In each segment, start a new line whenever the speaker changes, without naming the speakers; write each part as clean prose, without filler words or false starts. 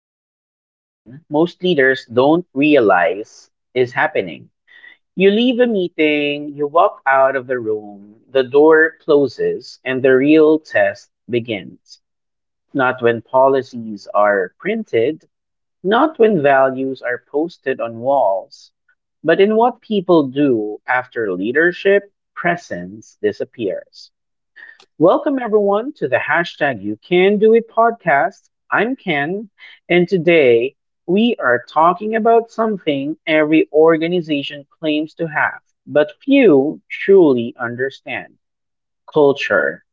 start with a scene most leaders don't realize is happening. You leave a meeting, you walk out of the room, the door closes, and the real test begins. Not when policies are printed, not when values are posted on walls, but in what people do after leadership presence disappears. Welcome, everyone, to the hashtag You Can Do It podcast. I'm Ken, and today we are talking about something every organization claims to have, but few truly understand culture.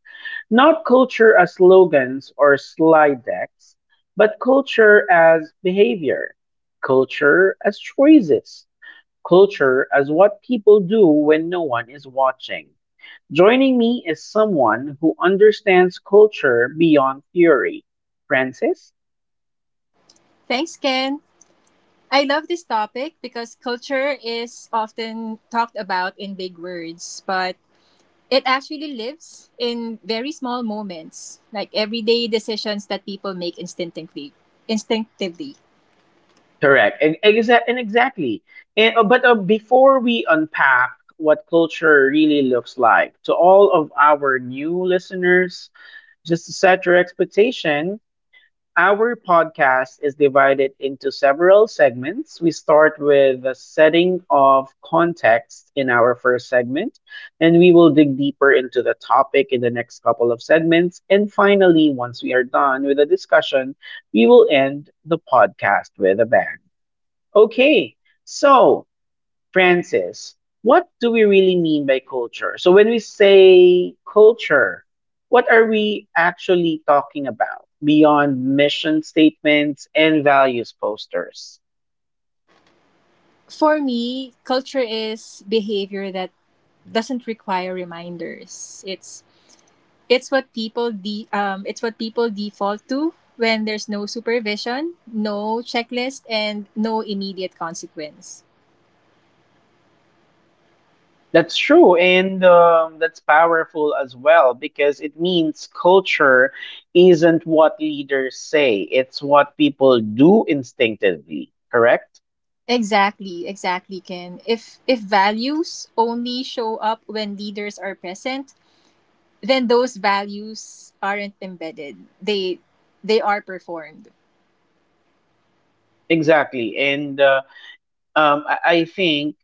Not culture as slogans or slide decks, but culture as behavior, culture as choices, culture as what people do when no one is watching. Joining me is someone who understands culture beyond theory. Francis?
Thanks, Ken. I love this topic because culture is often talked about in big words, but it actually lives in very small moments, like everyday decisions that people make instinctively. Instinctively.
Correct. And exactly. And, but Before we unpack what culture really looks like to all of our new listeners, just to set your expectation, our podcast is divided into several segments. We start with the setting of context in our first segment, and we will dig deeper into the topic in the next couple of segments. And finally, once we are done with the discussion, we will end the podcast with a bang. Okay, so Francis, what do we really mean by culture? So, when we say culture, what are we actually talking about beyond mission statements and values posters?
For me, culture is behavior that doesn't require reminders. It's what people it's what people default to when there's no supervision, no checklist and no immediate consequence.
That's true, and that's powerful as well because it means culture isn't what leaders say, it's what people do instinctively, correct?
Exactly, exactly, Ken. If values only show up when leaders are present, then those values aren't embedded. They are performed.
Exactly, and I think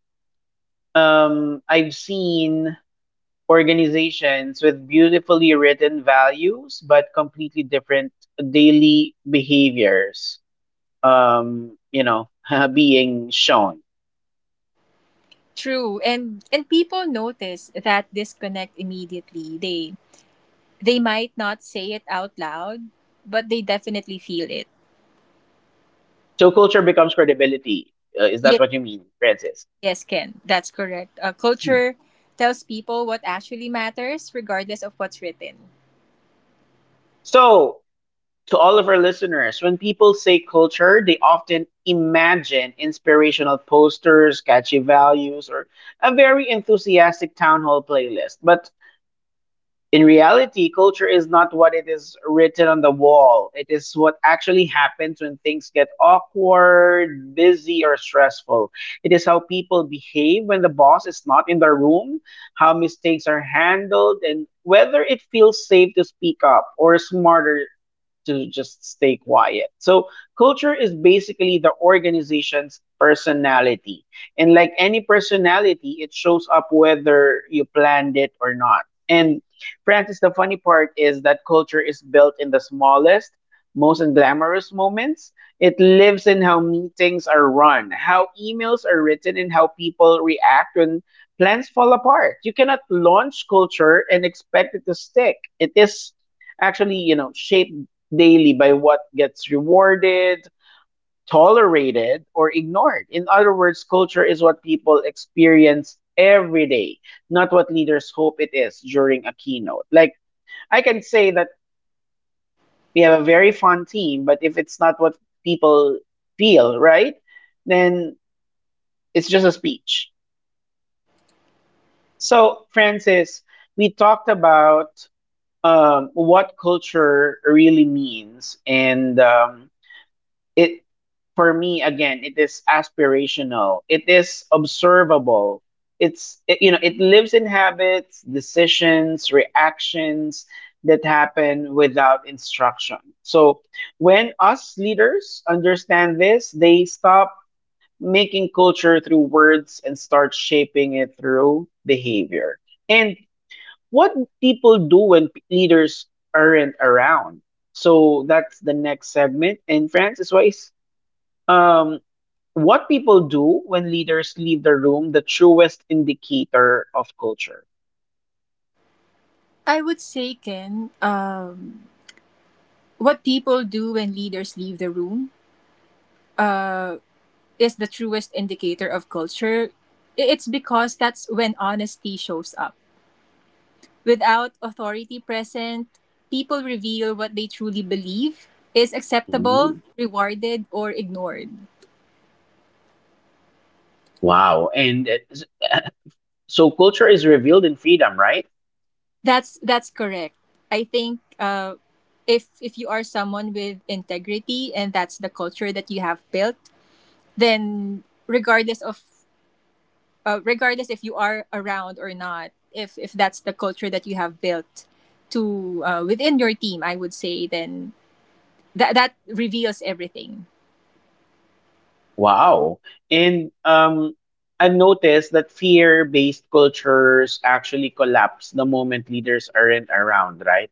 I've seen organizations with beautifully written values but completely different daily behaviors um you know Being shown,
True. And people notice that disconnect immediately. They might not say it out loud, but they definitely feel it.
so culture becomes credibility, is that
Yes,
what you mean, Francis?
yes, Ken. That's correct.
Hmm.
Culture tells people what actually matters regardless of what's written.
So, to all of our listeners, when people say culture, they often imagine inspirational posters, catchy values, or a very enthusiastic town hall playlist. But in reality, culture is not what it is written on the wall. It is what actually happens when things get awkward, busy, or stressful. It is how people behave when the boss is not in the room, how mistakes are handled, and whether it feels safe to speak up or smarter to just stay quiet. So, culture is basically the organization's personality. And like any personality, it shows up whether you planned it or not. And Francis, the funny part is that culture is built in the smallest, most glamorous moments. It lives in how meetings are run, how emails are written, and how people react when plans fall apart. You cannot launch culture and expect it to stick. It is actually, you know, shaped daily by what gets rewarded, tolerated, or ignored. In other words, culture is what people experience every day, not what leaders hope it is during a keynote. Like, I can say that we have a very fun team, but if it's not what people feel, right, then it's just a speech. So, Francis, we talked about what culture really means, and it for me again, it is aspirational, it is observable, you know, it lives in habits, decisions, reactions that happen without instruction. So when us leaders understand this, they stop making culture through words and start shaping it through behavior, and what people do when leaders aren't around. So that's the next segment. And Francis, why, um, what people do when leaders leave the room, the truest indicator of culture.
I would say, Ken, what people do when leaders leave the room uh, is the truest indicator of culture. It's because that's when honesty shows up. Without authority present, people reveal what they truly believe is acceptable,
Mhm.
rewarded, or ignored.
Wow. So culture is revealed in freedom, right?
That's correct. I think if you are someone with integrity and that's the culture that you have built, then regardless if you are around or not, if that's the culture that you have built to within your team, I would say, then that reveals everything.
Wow. And I've noticed that fear based cultures actually collapse the moment leaders aren't around, right?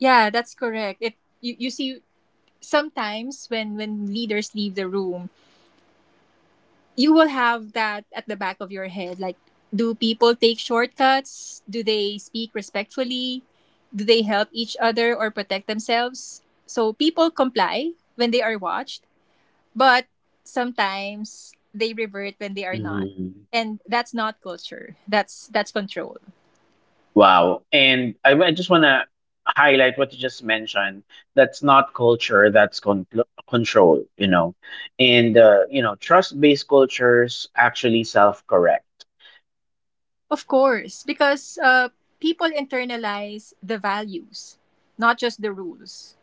Yeah, that's correct. It, you see, sometimes when leaders leave the room, you will have that at the back of your head, like, do people take shortcuts? Do they speak respectfully? Do they help each other or protect themselves? So people comply when they are watched. But sometimes they revert when they are not. And that's not culture. That's control.
Wow. And I just want to highlight what you just mentioned. That's not culture, that's control, you know. And, you know, trust based cultures actually self correct.
Of course, because people internalize the values, not just the rules.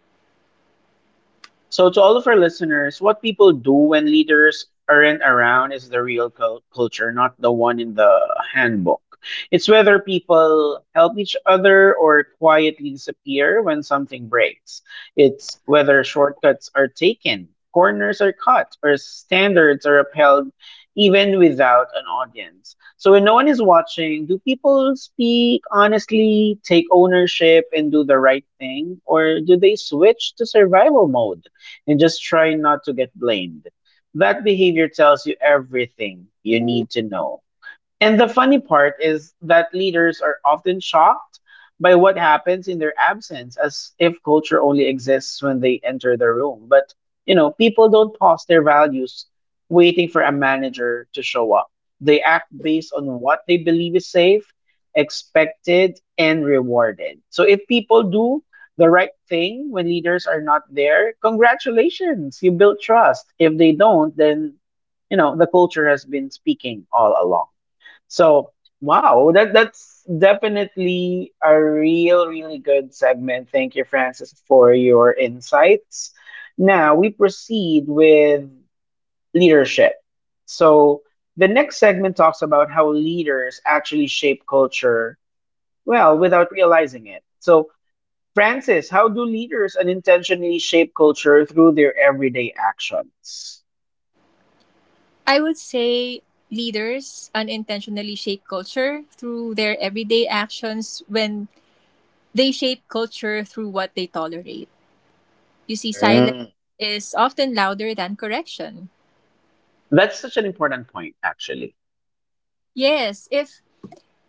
So, to all of our listeners, what people do when leaders aren't around is the real culture, not the one in the handbook. It's whether people help each other or quietly disappear when something breaks. It's whether shortcuts are taken, corners are cut, or standards are upheld even without an audience. So, when no one is watching, do people speak honestly, take ownership, and do the right thing? Or do they switch to survival mode and just try not to get blamed? That behavior tells you everything you need to know. And the funny part is that leaders are often shocked by what happens in their absence, as if culture only exists when they enter the room. But, you know, people don't pause their values waiting for a manager to show up. They act based on what they believe is safe, expected, and rewarded. So if people do the right thing when leaders are not there, congratulations, you built trust. If they don't, then, you know, the culture has been speaking all along. So wow, that that's definitely a real, really good segment. Thank you, Francis, for your insights. Now we proceed with leadership. So the next segment talks about how leaders actually shape culture, well, without realizing it. So Francis, how do leaders unintentionally shape culture through their everyday actions?
I would say leaders unintentionally shape culture through their everyday actions when they shape culture through what they tolerate. You see, silence
Mm.
is often louder than correction.
That's such an important point, actually.
Yes, if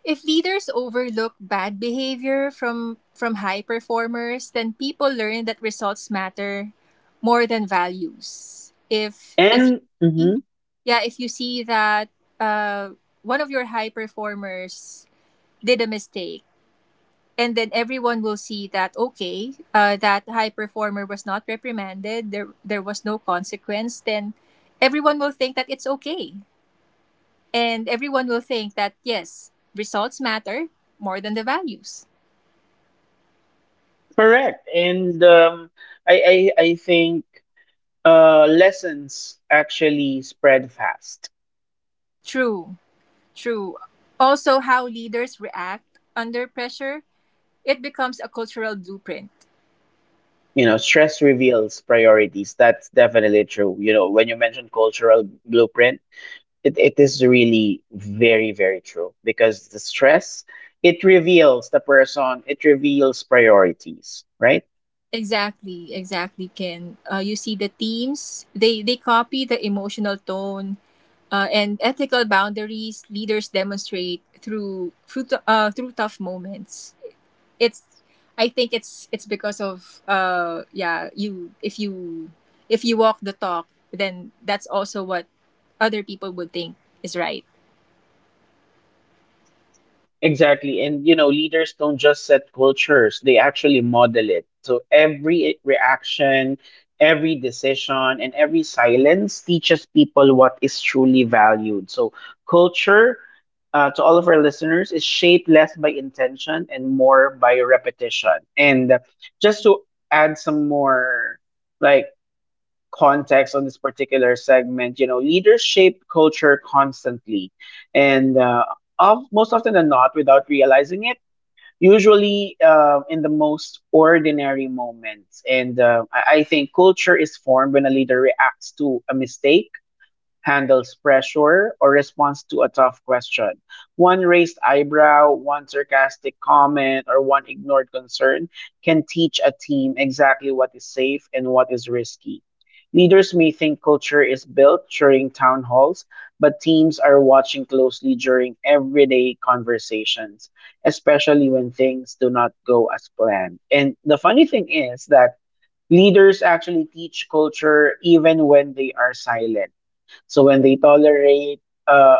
if leaders overlook bad behavior from high performers, then people learn that results matter more than values. If you
And
see,
mhm.
yeah, if you see that uh, one of your high performers did a mistake and then everyone will see that, okay, that high performer was not reprimanded, there was no consequence, then everyone will think that it's okay, and everyone will think that, yes, results matter more than the values.
Correct. And I think lessons actually spread fast.
True, true. Also how leaders react under pressure, it becomes a cultural blueprint.
You know, stress reveals priorities. That's definitely true. You know, when you mentioned cultural blueprint, it is really very, very true because the stress, it reveals the person, it reveals priorities, right?
Exactly, exactly, Ken. You see the teams, they copy the emotional tone and ethical boundaries leaders demonstrate through tough moments. It's, I think it's because of, yeah, you if you, if you walk the talk, then that's also what other people would think is right.
Exactly. And you know, leaders don't just set cultures, they actually model it. So every reaction, every decision, and every silence teaches people what is truly valued. So culture, to all of our listeners, is shaped less by intention and more by repetition. And just to add some more like context on this particular segment, you know, leaders shape culture constantly, and of most often than not, without realizing it, usually in the most ordinary moments. And uh, I think culture is formed when a leader reacts to a mistake, handles pressure, or responds to a tough question. One raised eyebrow, one sarcastic comment, or one ignored concern can teach a team exactly what is safe and what is risky. Leaders may think culture is built during town halls, but teams are watching closely during everyday conversations, especially when things do not go as planned. And the funny thing is that leaders actually teach culture even when they are silent. So when they tolerate uh,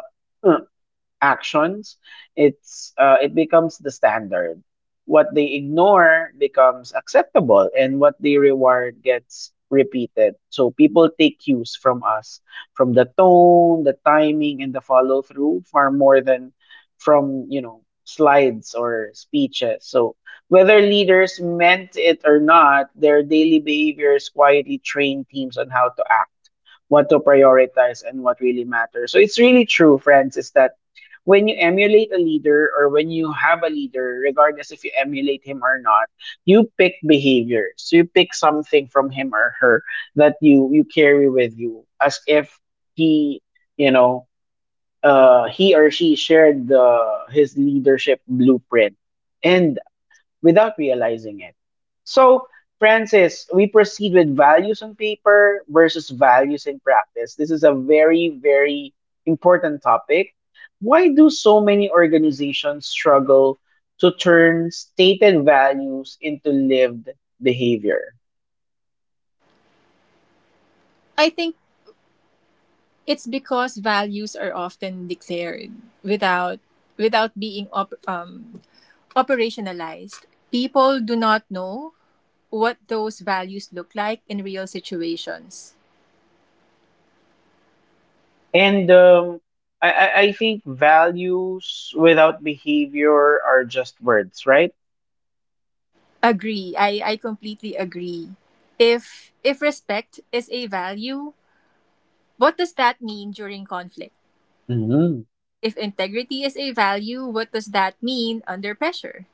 actions, it becomes the standard. What they ignore becomes acceptable, and what they reward gets repeated. So people take cues from us, from the tone, the timing, and the follow through far more than from, you know, slides or speeches. So whether leaders meant it or not, their daily behaviors quietly train teams on how to act, what to prioritize, and what really matters. So it's really true, friends, is that when you emulate a leader or when you have a leader, regardless if you emulate him or not, you pick behaviors. You pick something from him or her that you carry with you, as if he, you know, he or she shared the his leadership blueprint. And without realizing it. So, Francis, we proceed with values on paper versus values in practice. This is a very, very important topic. Why do so many organizations struggle to turn stated values into lived behavior?
I think it's because values are often declared without, without being operationalized. People do not know what those values look like in real situations.
And um, I think values without behavior are just words, right?
Agree. I completely agree. If respect is a value, what does that mean during conflict?
Hmm.
If integrity is a value, what does that mean under pressure?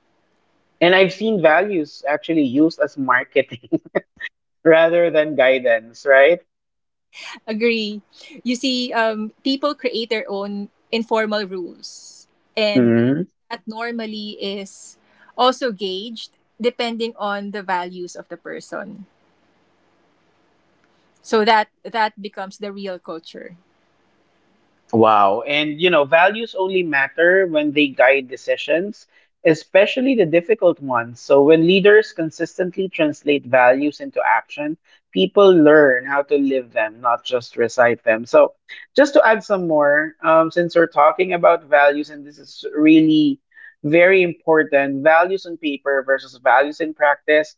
And I've seen values actually used as marketing rather than guidance, right?
Agree. You see, people create their own informal rules, and
Mhm.
that normally is also gauged depending on the values of the person. So that becomes the real culture.
Wow. And you know, values only matter when they guide decisions, especially the difficult ones. So when leaders consistently translate values into action, people learn how to live them, not just recite them. So just to add some more, since we're talking about values, and this is really very important, values on paper versus values in practice.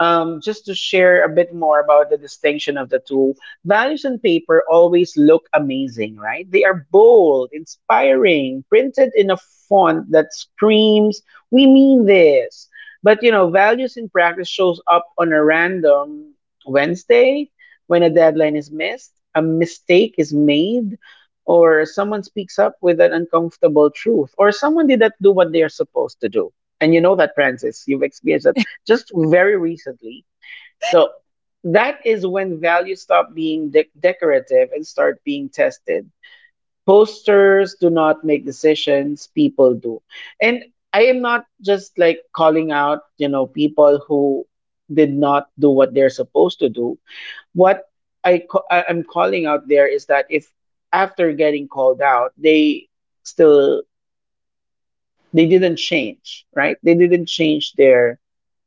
Just to share a bit more about the distinction of the two, values on paper always look amazing, right? They are bold, inspiring, printed in a font that screams, "We mean this." But you know, values in practice shows up on a random Wednesday when a deadline is missed, a mistake is made, or someone speaks up with an uncomfortable truth, or someone did not do what they are supposed to do. And you know that, Francis, you've experienced that just very recently. So that is when values stop being decorative and start being tested. Posters do not make decisions, people do. And I am not just like calling out, you know, people who did not do what they're supposed to do. What I'm calling out there is that if after getting called out, they still they didn't change, right? They didn't change their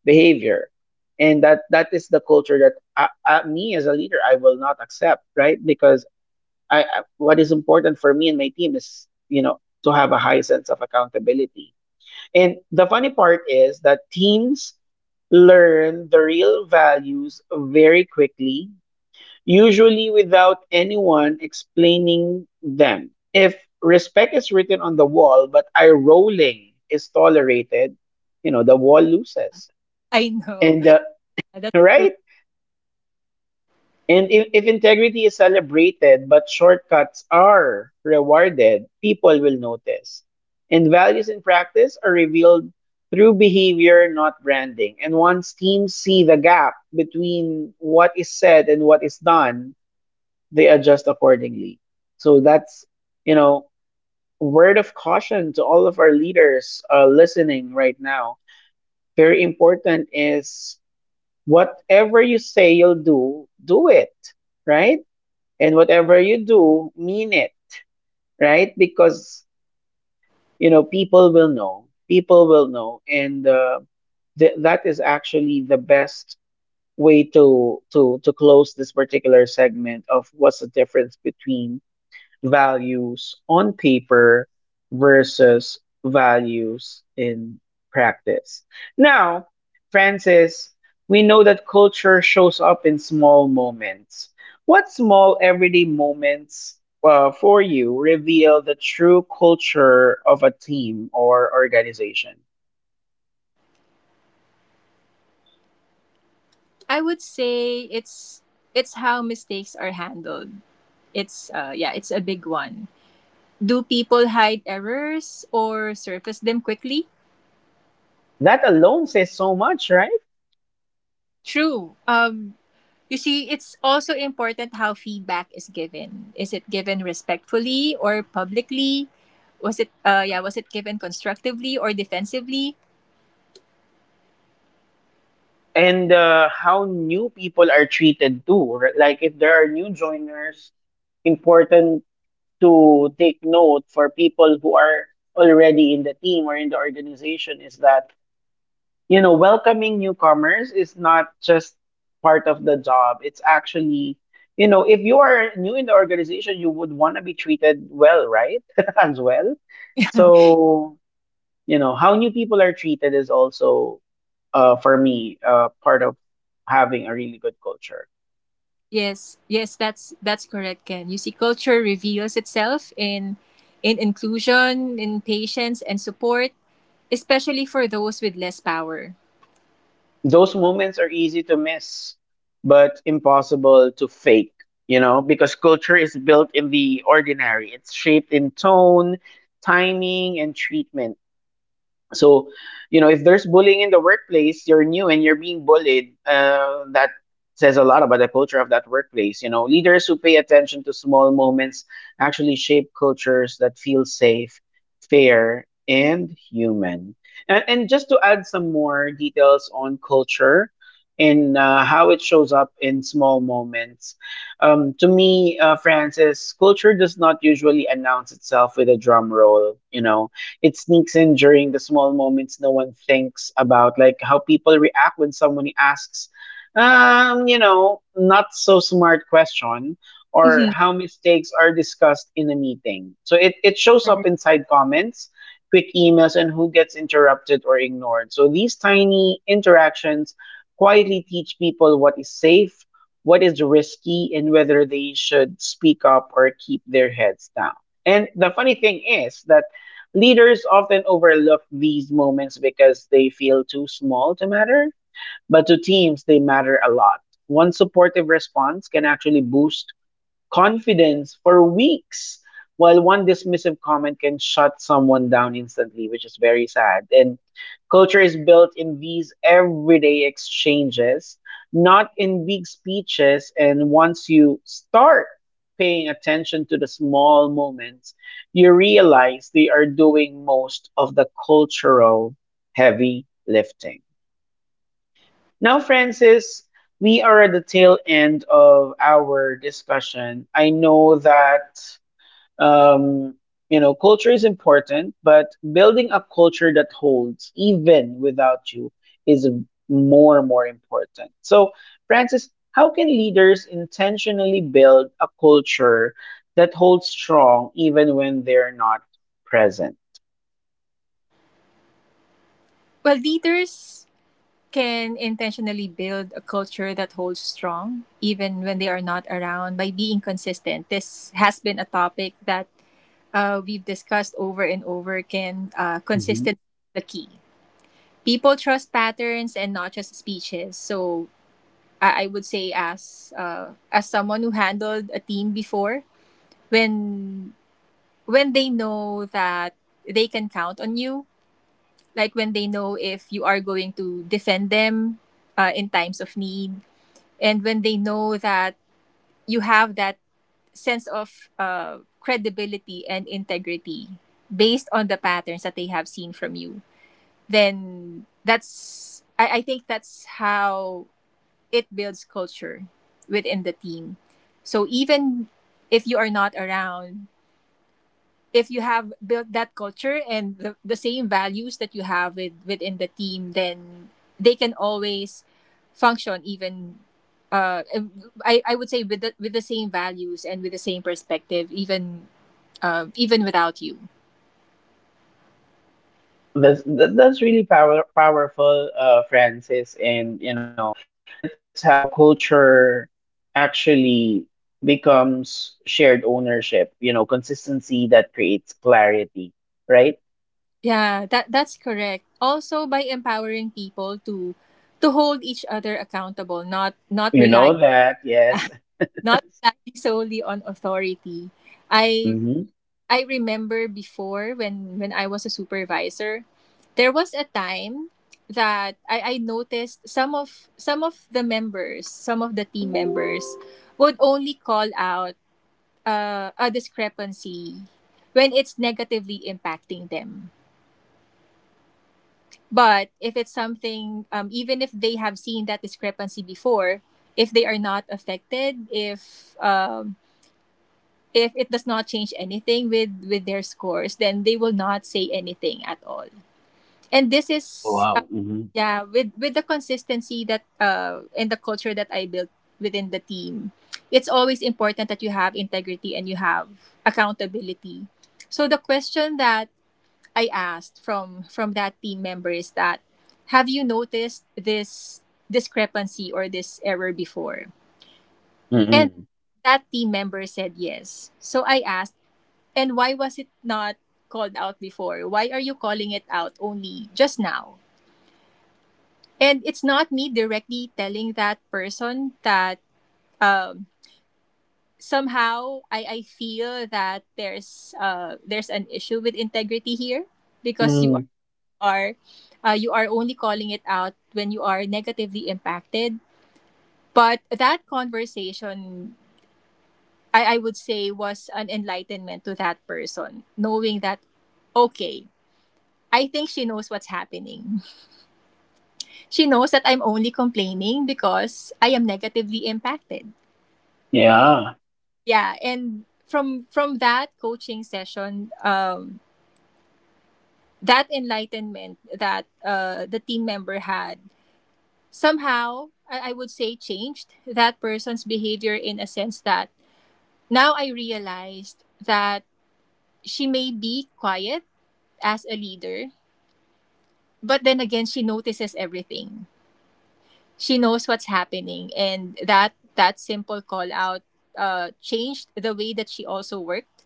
behavior, and that is the culture that me as a leader I will not accept, right? Because I, what is important for me and my team is to have a high sense of accountability. And the funny part is that teams learn the real values very quickly usually without anyone explaining them. If respect is written on the wall, but eye rolling is tolerated, the wall loses.
I know.
And, uh,
That's true.
right? And if integrity is celebrated, but shortcuts are rewarded, people will notice. And values in practice are revealed through behavior, not branding. And once teams see the gap between what is said and what is done, they adjust accordingly. So that's, you know, word of caution to all of our leaders listening right now. Very important is whatever you say you'll do, do it, right? And whatever you do, mean it, right? Because, people will know. People will know. That is actually the best way to close this particular segment of what's the difference between values on paper versus values in practice. Now, Francis, we know that culture shows up in small moments. What small everyday moments for you reveal the true culture of a team or organization?
I would say it's how mistakes are handled. It's, it's a big one. Do people hide errors or surface them quickly?
That alone says so much, right?
True. You see, it's also important how feedback is given. Is it given respectfully or publicly? Was it, was it given constructively or defensively?
And how new people are treated too. Like if there are new joiners, important to take note for people who are already in the team or in the organization is that welcoming newcomers is not just part of the job. It's actually, if you are new in the organization you would want to be treated well, right? As well. So how new people are treated is also, for me, part of having a really good culture.
Yes, yes, that's correct, Ken. You see, culture reveals itself in inclusion, in patience, and support, especially for those with less power.
Those moments are easy to miss, but impossible to fake, because culture is built in the ordinary. It's shaped in tone, timing, and treatment. So, if there's bullying in the workplace, you're new and you're being bullied, that says a lot about the culture of that workplace. You know, leaders who pay attention to small moments actually shape cultures that feel safe, fair, and human. And just to add some more details on culture and how it shows up in small moments. To me, Francis, culture does not usually announce itself with a drum roll. You know, it sneaks in during the small moments no one thinks about, like how people react when someone asks, not so smart question, or
Mhm.
how mistakes are discussed in a meeting. So it shows
Agree.
up inside comments, quick emails, and who gets interrupted or ignored. So these tiny interactions quietly teach people what is safe, what is risky, and whether they should speak up or keep their heads down. And the funny thing is that leaders often overlook these moments because they feel too small to matter, but to teams, they matter a lot. One supportive response can actually boost confidence for weeks, while one dismissive comment can shut someone down instantly, which is very sad. And culture is built in these everyday exchanges, not in big speeches. And once you start paying attention to the small moments, you realize they are doing most of the cultural heavy lifting. Now, Francis, we are at the tail end of our discussion. I know that, um, culture is important, but building a culture that holds even without you is more and more important. So, Francis, how can leaders intentionally build a culture that holds strong even when they're not present?
Well, leaders can intentionally build a culture that holds strong, even when they are not around, by being consistent. This has been a topic that we've discussed over and over. Can, consistency is the key? People trust patterns and not just speeches. So I would say as, as someone who handled a team before, when when they know that they can count on you, like when they know if you are going to defend them in times of need, and when they know that you have that sense of credibility and integrity based on the patterns that they have seen from you, then that's, I think that's how it builds culture within the team. So even if you are not around, if you have built that culture and the same values that you have with, within the team, then they can always function even, uh, I would say with the same values and with the same perspective even, even without you.
That's really powerful, Francis, and you know that's how culture actually becomes shared ownership. You know, consistency that creates clarity, right?
Yeah, that's correct. Also by empowering people to hold each other accountable, not
You
rely,
know that, yes.
not relying solely on authority. I
Mm-hmm.
I remember before when I was a supervisor, there was a time that I noticed some of, some of the members, some of the team members would only call out a discrepancy when it's negatively impacting them. But if it's something, even if they have seen that discrepancy before, if they are not affected, if, if it does not change anything with their scores, then they will not say anything at all. And this
Oh,
is,
wow. Mm-hmm.
yeah, with the consistency that, and the culture that I built within the team, it's always important that you have integrity and you have accountability. So the question that I asked from that team member is that, have you noticed this discrepancy or this error before? And
Mm-hmm.
that team member said yes, so I asked, and why was it not called out before? Why are you calling it out only just now? And it's not me directly telling that person that, um, somehow I feel that there's, there's an issue with integrity here because you
Mm-hmm.
are, are you are only calling it out when you are negatively impacted. But that conversation, I would say, was an enlightenment to that person, knowing that, okay, I think she knows what's happening. She knows that I'm only complaining because I am negatively impacted.
Yeah.
Yeah, and from that coaching session, that enlightenment that the team member had somehow, I would say, changed that person's behavior in a sense that, now I realized that she may be quiet as a leader, but then again, she notices everything, she knows what's happening, and that simple call out changed the way that she also worked,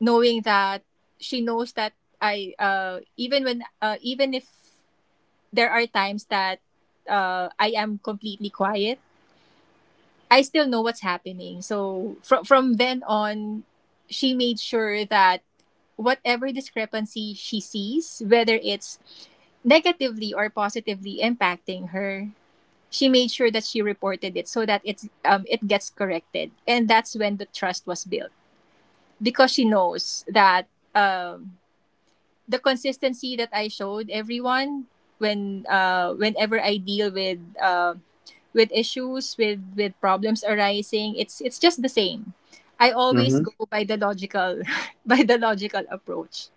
knowing that she knows that I, even when even if there are times that I am completely quiet, I still know what's happening. So from then on, she made sure that whatever discrepancy she sees, whether it's negatively or positively impacting her, she made sure that she reported it so that it's, it gets corrected. And that's when the trust was built, because she knows that, um, the consistency that I showed everyone when, whenever I deal with, with issues, with problems arising, it's just the same. I always
Mm-hmm.
go by the logical by the logical approach,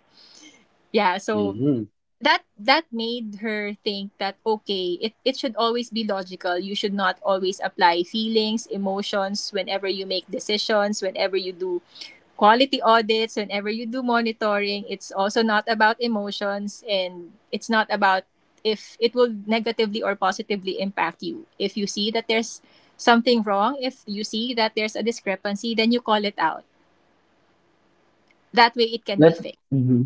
yeah. So
Mm-hmm.
that made her think that, okay, it should always be logical. You should not always apply feelings, emotions whenever you make decisions, whenever you do quality audits, whenever you do monitoring. It's also not about emotions, and it's not about if it will negatively or positively impact you. If you see that there's something wrong, if you see that there's a discrepancy, then you call it out. That way it can be
That.
fixed.
Mm-hmm.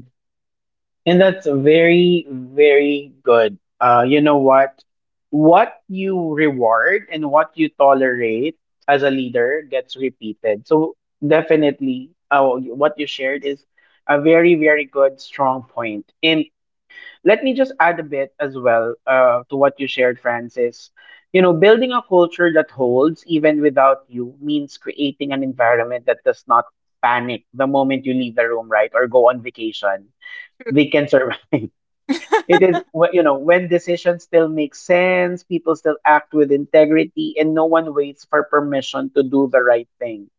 And that's very, very good. You know what? What you reward and what you tolerate as a leader gets repeated. So definitely, what you shared is a very, very good, strong point. And let me just add a bit as well, to what you shared, Francis. You know, building a culture that holds even without you means creating an environment that does not panic the moment you leave the room, right, or go on vacation they can survive. You know, when decisions still make sense, people still act with integrity, and no one waits for permission to do the right thing.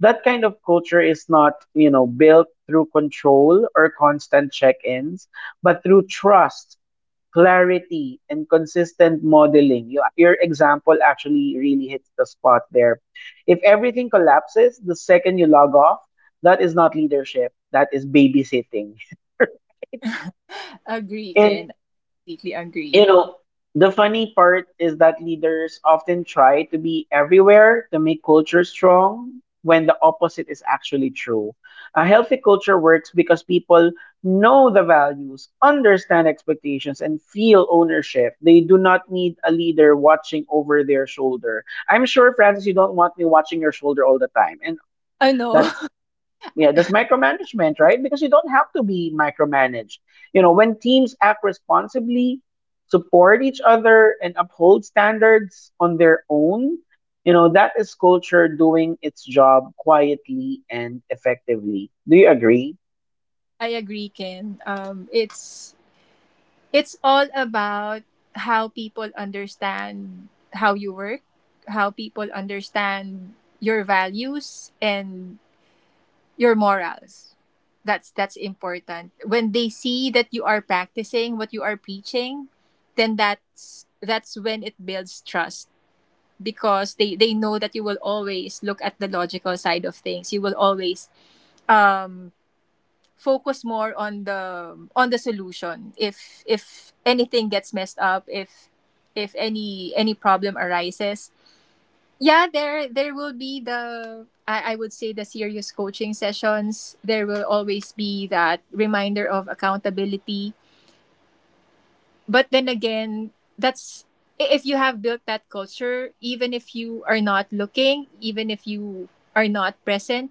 That kind of culture is not, built through control or constant check ins, but through trust, clarity, and consistent modeling. Your example actually really hits the spot there. If everything collapses the second you log off, that is not leadership, that is babysitting.
Agree,
And
Ken. Completely agree.
you know, the funny part is that leaders often try to be everywhere to make culture strong when the opposite is actually true. A healthy culture works because people know the values, understand expectations, and feel ownership. They do not need a leader watching over their shoulder. I'm sure, Francis, you don't want me watching your shoulder all the time. And
Ano.
that's, yeah, that's micromanagement, right? Because you don't have to be micromanaged. You know, when teams act responsibly, support each other, and uphold standards on their own, that is culture doing its job quietly and effectively. Do you agree?
I agree, Ken. It's all about how people understand how you work, how people understand your values and your morals. That's important. When they see that you are practicing what you are preaching, then that's when it builds trust, because they know that you will always look at the logical side of things. You will always, um focus more on the, on the solution if anything gets messed up, if, if any problem arises. Yeah, there will be the, I would say, the serious coaching sessions. There will always be that reminder of accountability, but then again, that's, if you have built that culture, even if you are not looking, even if you are not present,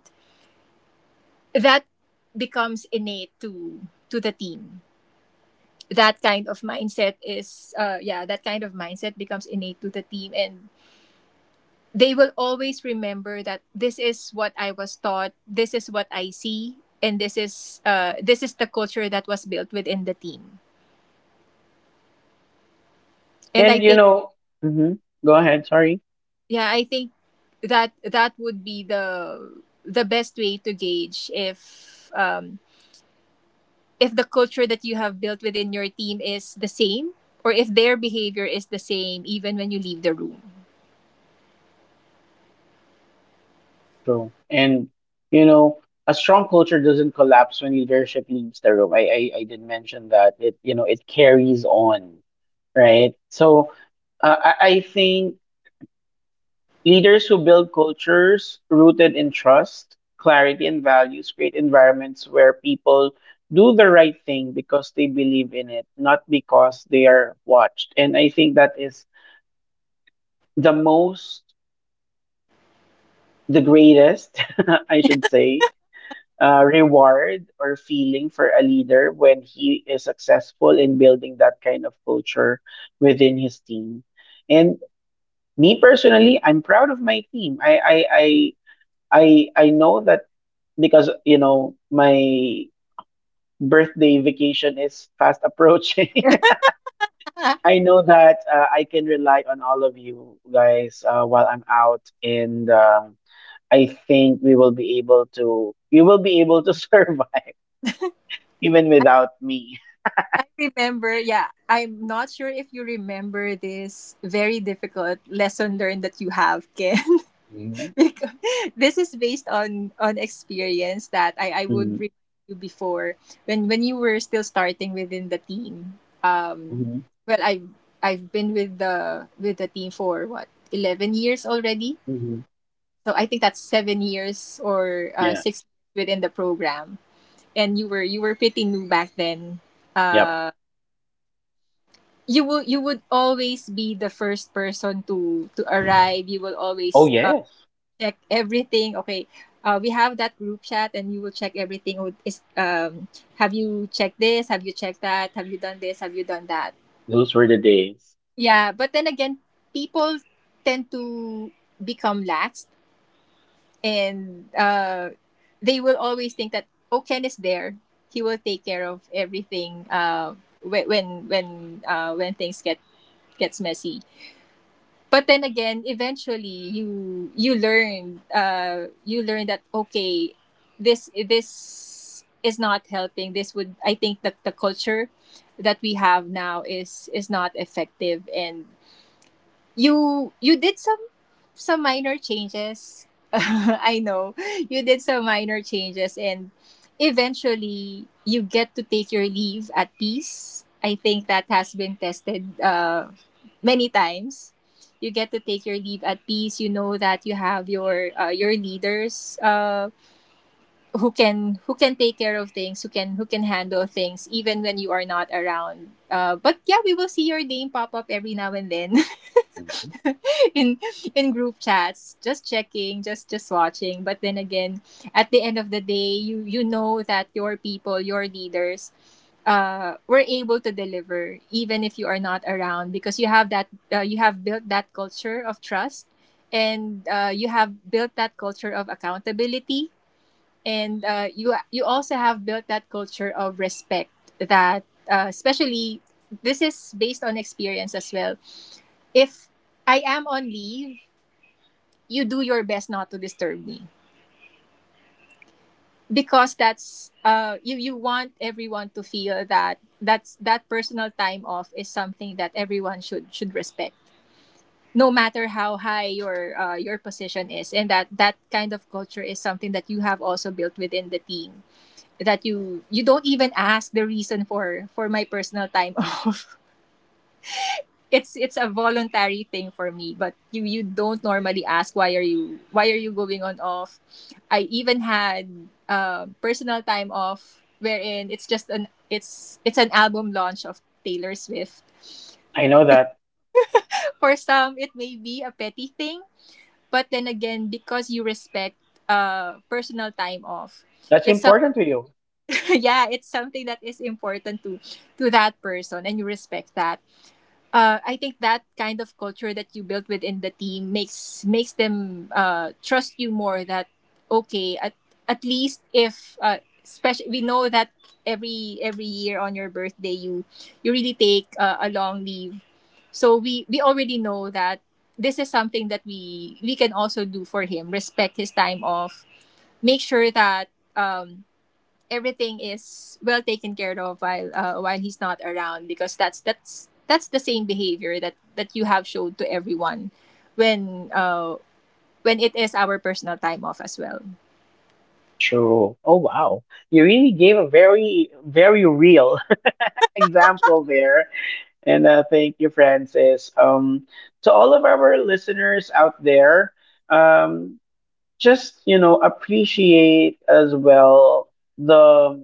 that becomes innate to the team. That kind of mindset is, that kind of mindset becomes innate to the team, and they will always remember that this is what I was taught, this is what I see, and this is, this is the culture that was built within the team. And I
And,
think,
mhm, go ahead, sorry.
yeah, I think that that would be the best way to gauge if, if the culture that you have built within your team is the same, or if their behavior is the same even when you leave the room.
True. And you know, a strong culture doesn't collapse when leadership leaves the room. I did mention that, it you know it carries on, right? So I think leaders who build cultures rooted in trust, clarity, and values create environments where people do the right thing because they believe in it, not because they are watched. And I think that is the most, the greatest, I should say, reward or feeling for a leader when he is successful in building that kind of culture within his team. And me personally, I'm proud of my team. I know that because my birthday vacation is fast approaching. I know that, I can rely on all of you guys while I'm out, and I think we will be able to survive. Even without me.
I remember, yeah, I'm not sure if you remember this very difficult lesson learned that you have, Ken.
Mhm.
Because this is based on experience that I would
Mhm.
remind you before, when you were still starting within the team.
Mhm.
Well, I've been with the, with the team for what, 11 years already?
Mhm.
So I think that's 7 years, or,
Yeah.
six within the program. And you were, you were pretty new back then.
Yep.
Uh, you will you would always be the first person to arrive. You will
Oh
always
yes,
check everything, okay? We have that group chat and you will check everything with is have you checked this, have you checked that, have you done this, have you done that?
those were the days.
Yeah, but then again, people tend to become lax, and they will always think that, oh, Ken is there, he will take care of everything. When things get gets messy. But then again, eventually you learn, you learn that, okay, this is not helping. This would, I think that the culture that we have now is not effective, and you did some minor changes. I know you did some minor changes, and eventually you get to take your leave at peace. I think that has been tested many times. You get to take your leave at peace. You know that you have your leaders, who can take care of things, who can handle things even when you are not around. But yeah, we will see your name pop up every now and then.
Mhm.
in in group chats, just checking, just watching. But then again, at the end of the day, you know that your people, your leaders, were able to deliver even if you are not around, because you have that, you have built that culture of trust. And you have built that culture of accountability. And you you also have built that culture of respect. That especially, this is based on experience as well. If I am on leave, you do your best not to disturb me, because that's you you want everyone to feel that, that's that personal time off is something that everyone should respect, no matter how high your position is. And that that kind of culture is something that you have also built within the team. That you don't even ask the reason for my personal time off. It's a voluntary thing for me, but you don't normally ask, why are you, why are you going on off? I even had personal time off wherein it's just an it's an album launch of Taylor Swift.
I know that,
For some, it may be a petty thing, but then again, because you respect personal time off.
that's
It's some
important to you.
yeah, it's something that is important to that person, and you respect that. I think that kind of culture that you built within the team makes them trust you more. That okay, at least if especially, we know that every year on your birthday, you really take a long leave, so we already know that this is something that we can also do for him. Respect his time off. Make sure that um, everything is well taken care of while he's not around, because that's the same behavior that that you have showed to everyone when uh when it is our personal time off as well.
True. Oh wow. You really gave a very, very real example there. And thank you, Francis. To all of our listeners out there, um, just appreciate as well the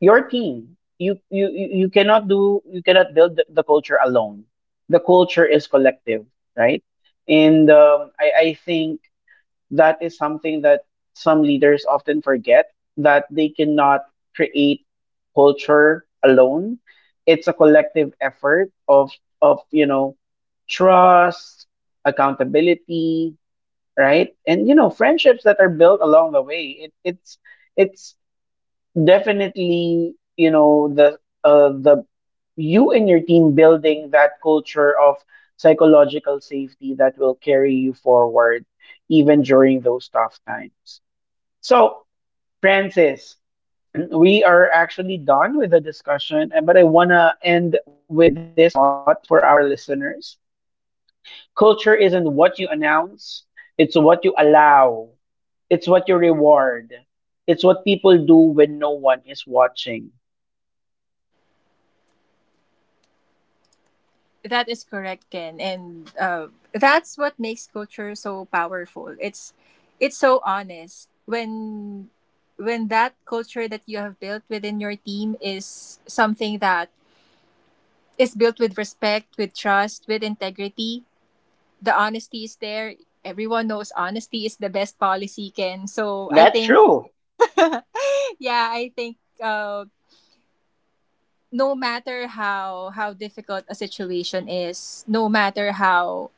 your team. You cannot build the culture alone. The culture is collective, right? And I think that is something that some leaders often forget, that they cannot create culture alone. It's a collective effort of of you know trust, accountability, right? And you know friendships that are built along the way. It's definitely, the, uh, the you and your team building that culture of psychological safety that will carry you forward even during those tough times. So, Francis, we are actually done with the discussion and, but I want to end with this thought for our listeners: culture isn't what you announce, it's what you allow, it's what you reward, it's what people do when no one is watching.
That is correct, Ken, and that's what makes culture so powerful. It's so honest. When that culture that you have built within your team is something that is built with respect, with trust, with integrity, the honesty is there. Everyone knows honesty is the best policy, Ken. So I
That's
think,
true.
yeah, I think uh, no matter how difficult a situation is, no matter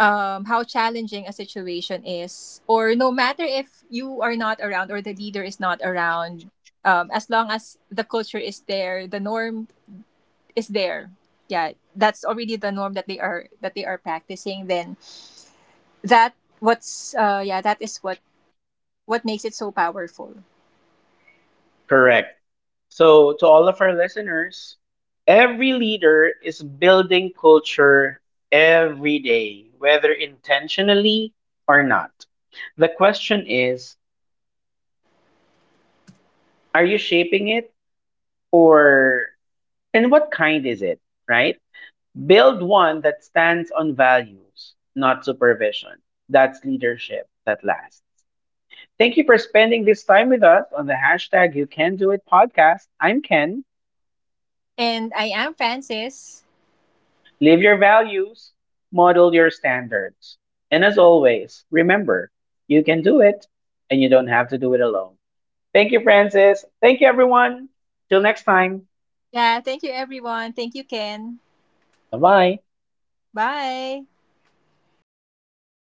how challenging a situation is, or no matter if you are not around or the leader is not around, as long as the culture is there, the norm is there. Yeah, that's already the norm that they are practicing. Then that, what's yeah that is what makes it so powerful.
Correct. So, to all of our listeners, every leader is building culture every day, whether intentionally or not. The question is, are you shaping it, or, and what kind is it, right? Build one that stands on values, not supervision. That's leadership that lasts. Thank you for spending this time with us on the hashtag You Can Do It podcast. I'm Ken.
And I am Francis.
Live your values, model your standards. And as always, remember, you can do it and you don't have to do it alone. Thank you, Francis. Thank you, everyone. Till next time.
Yeah, thank you everyone. Thank you, Ken.
Bye bye.
Bye.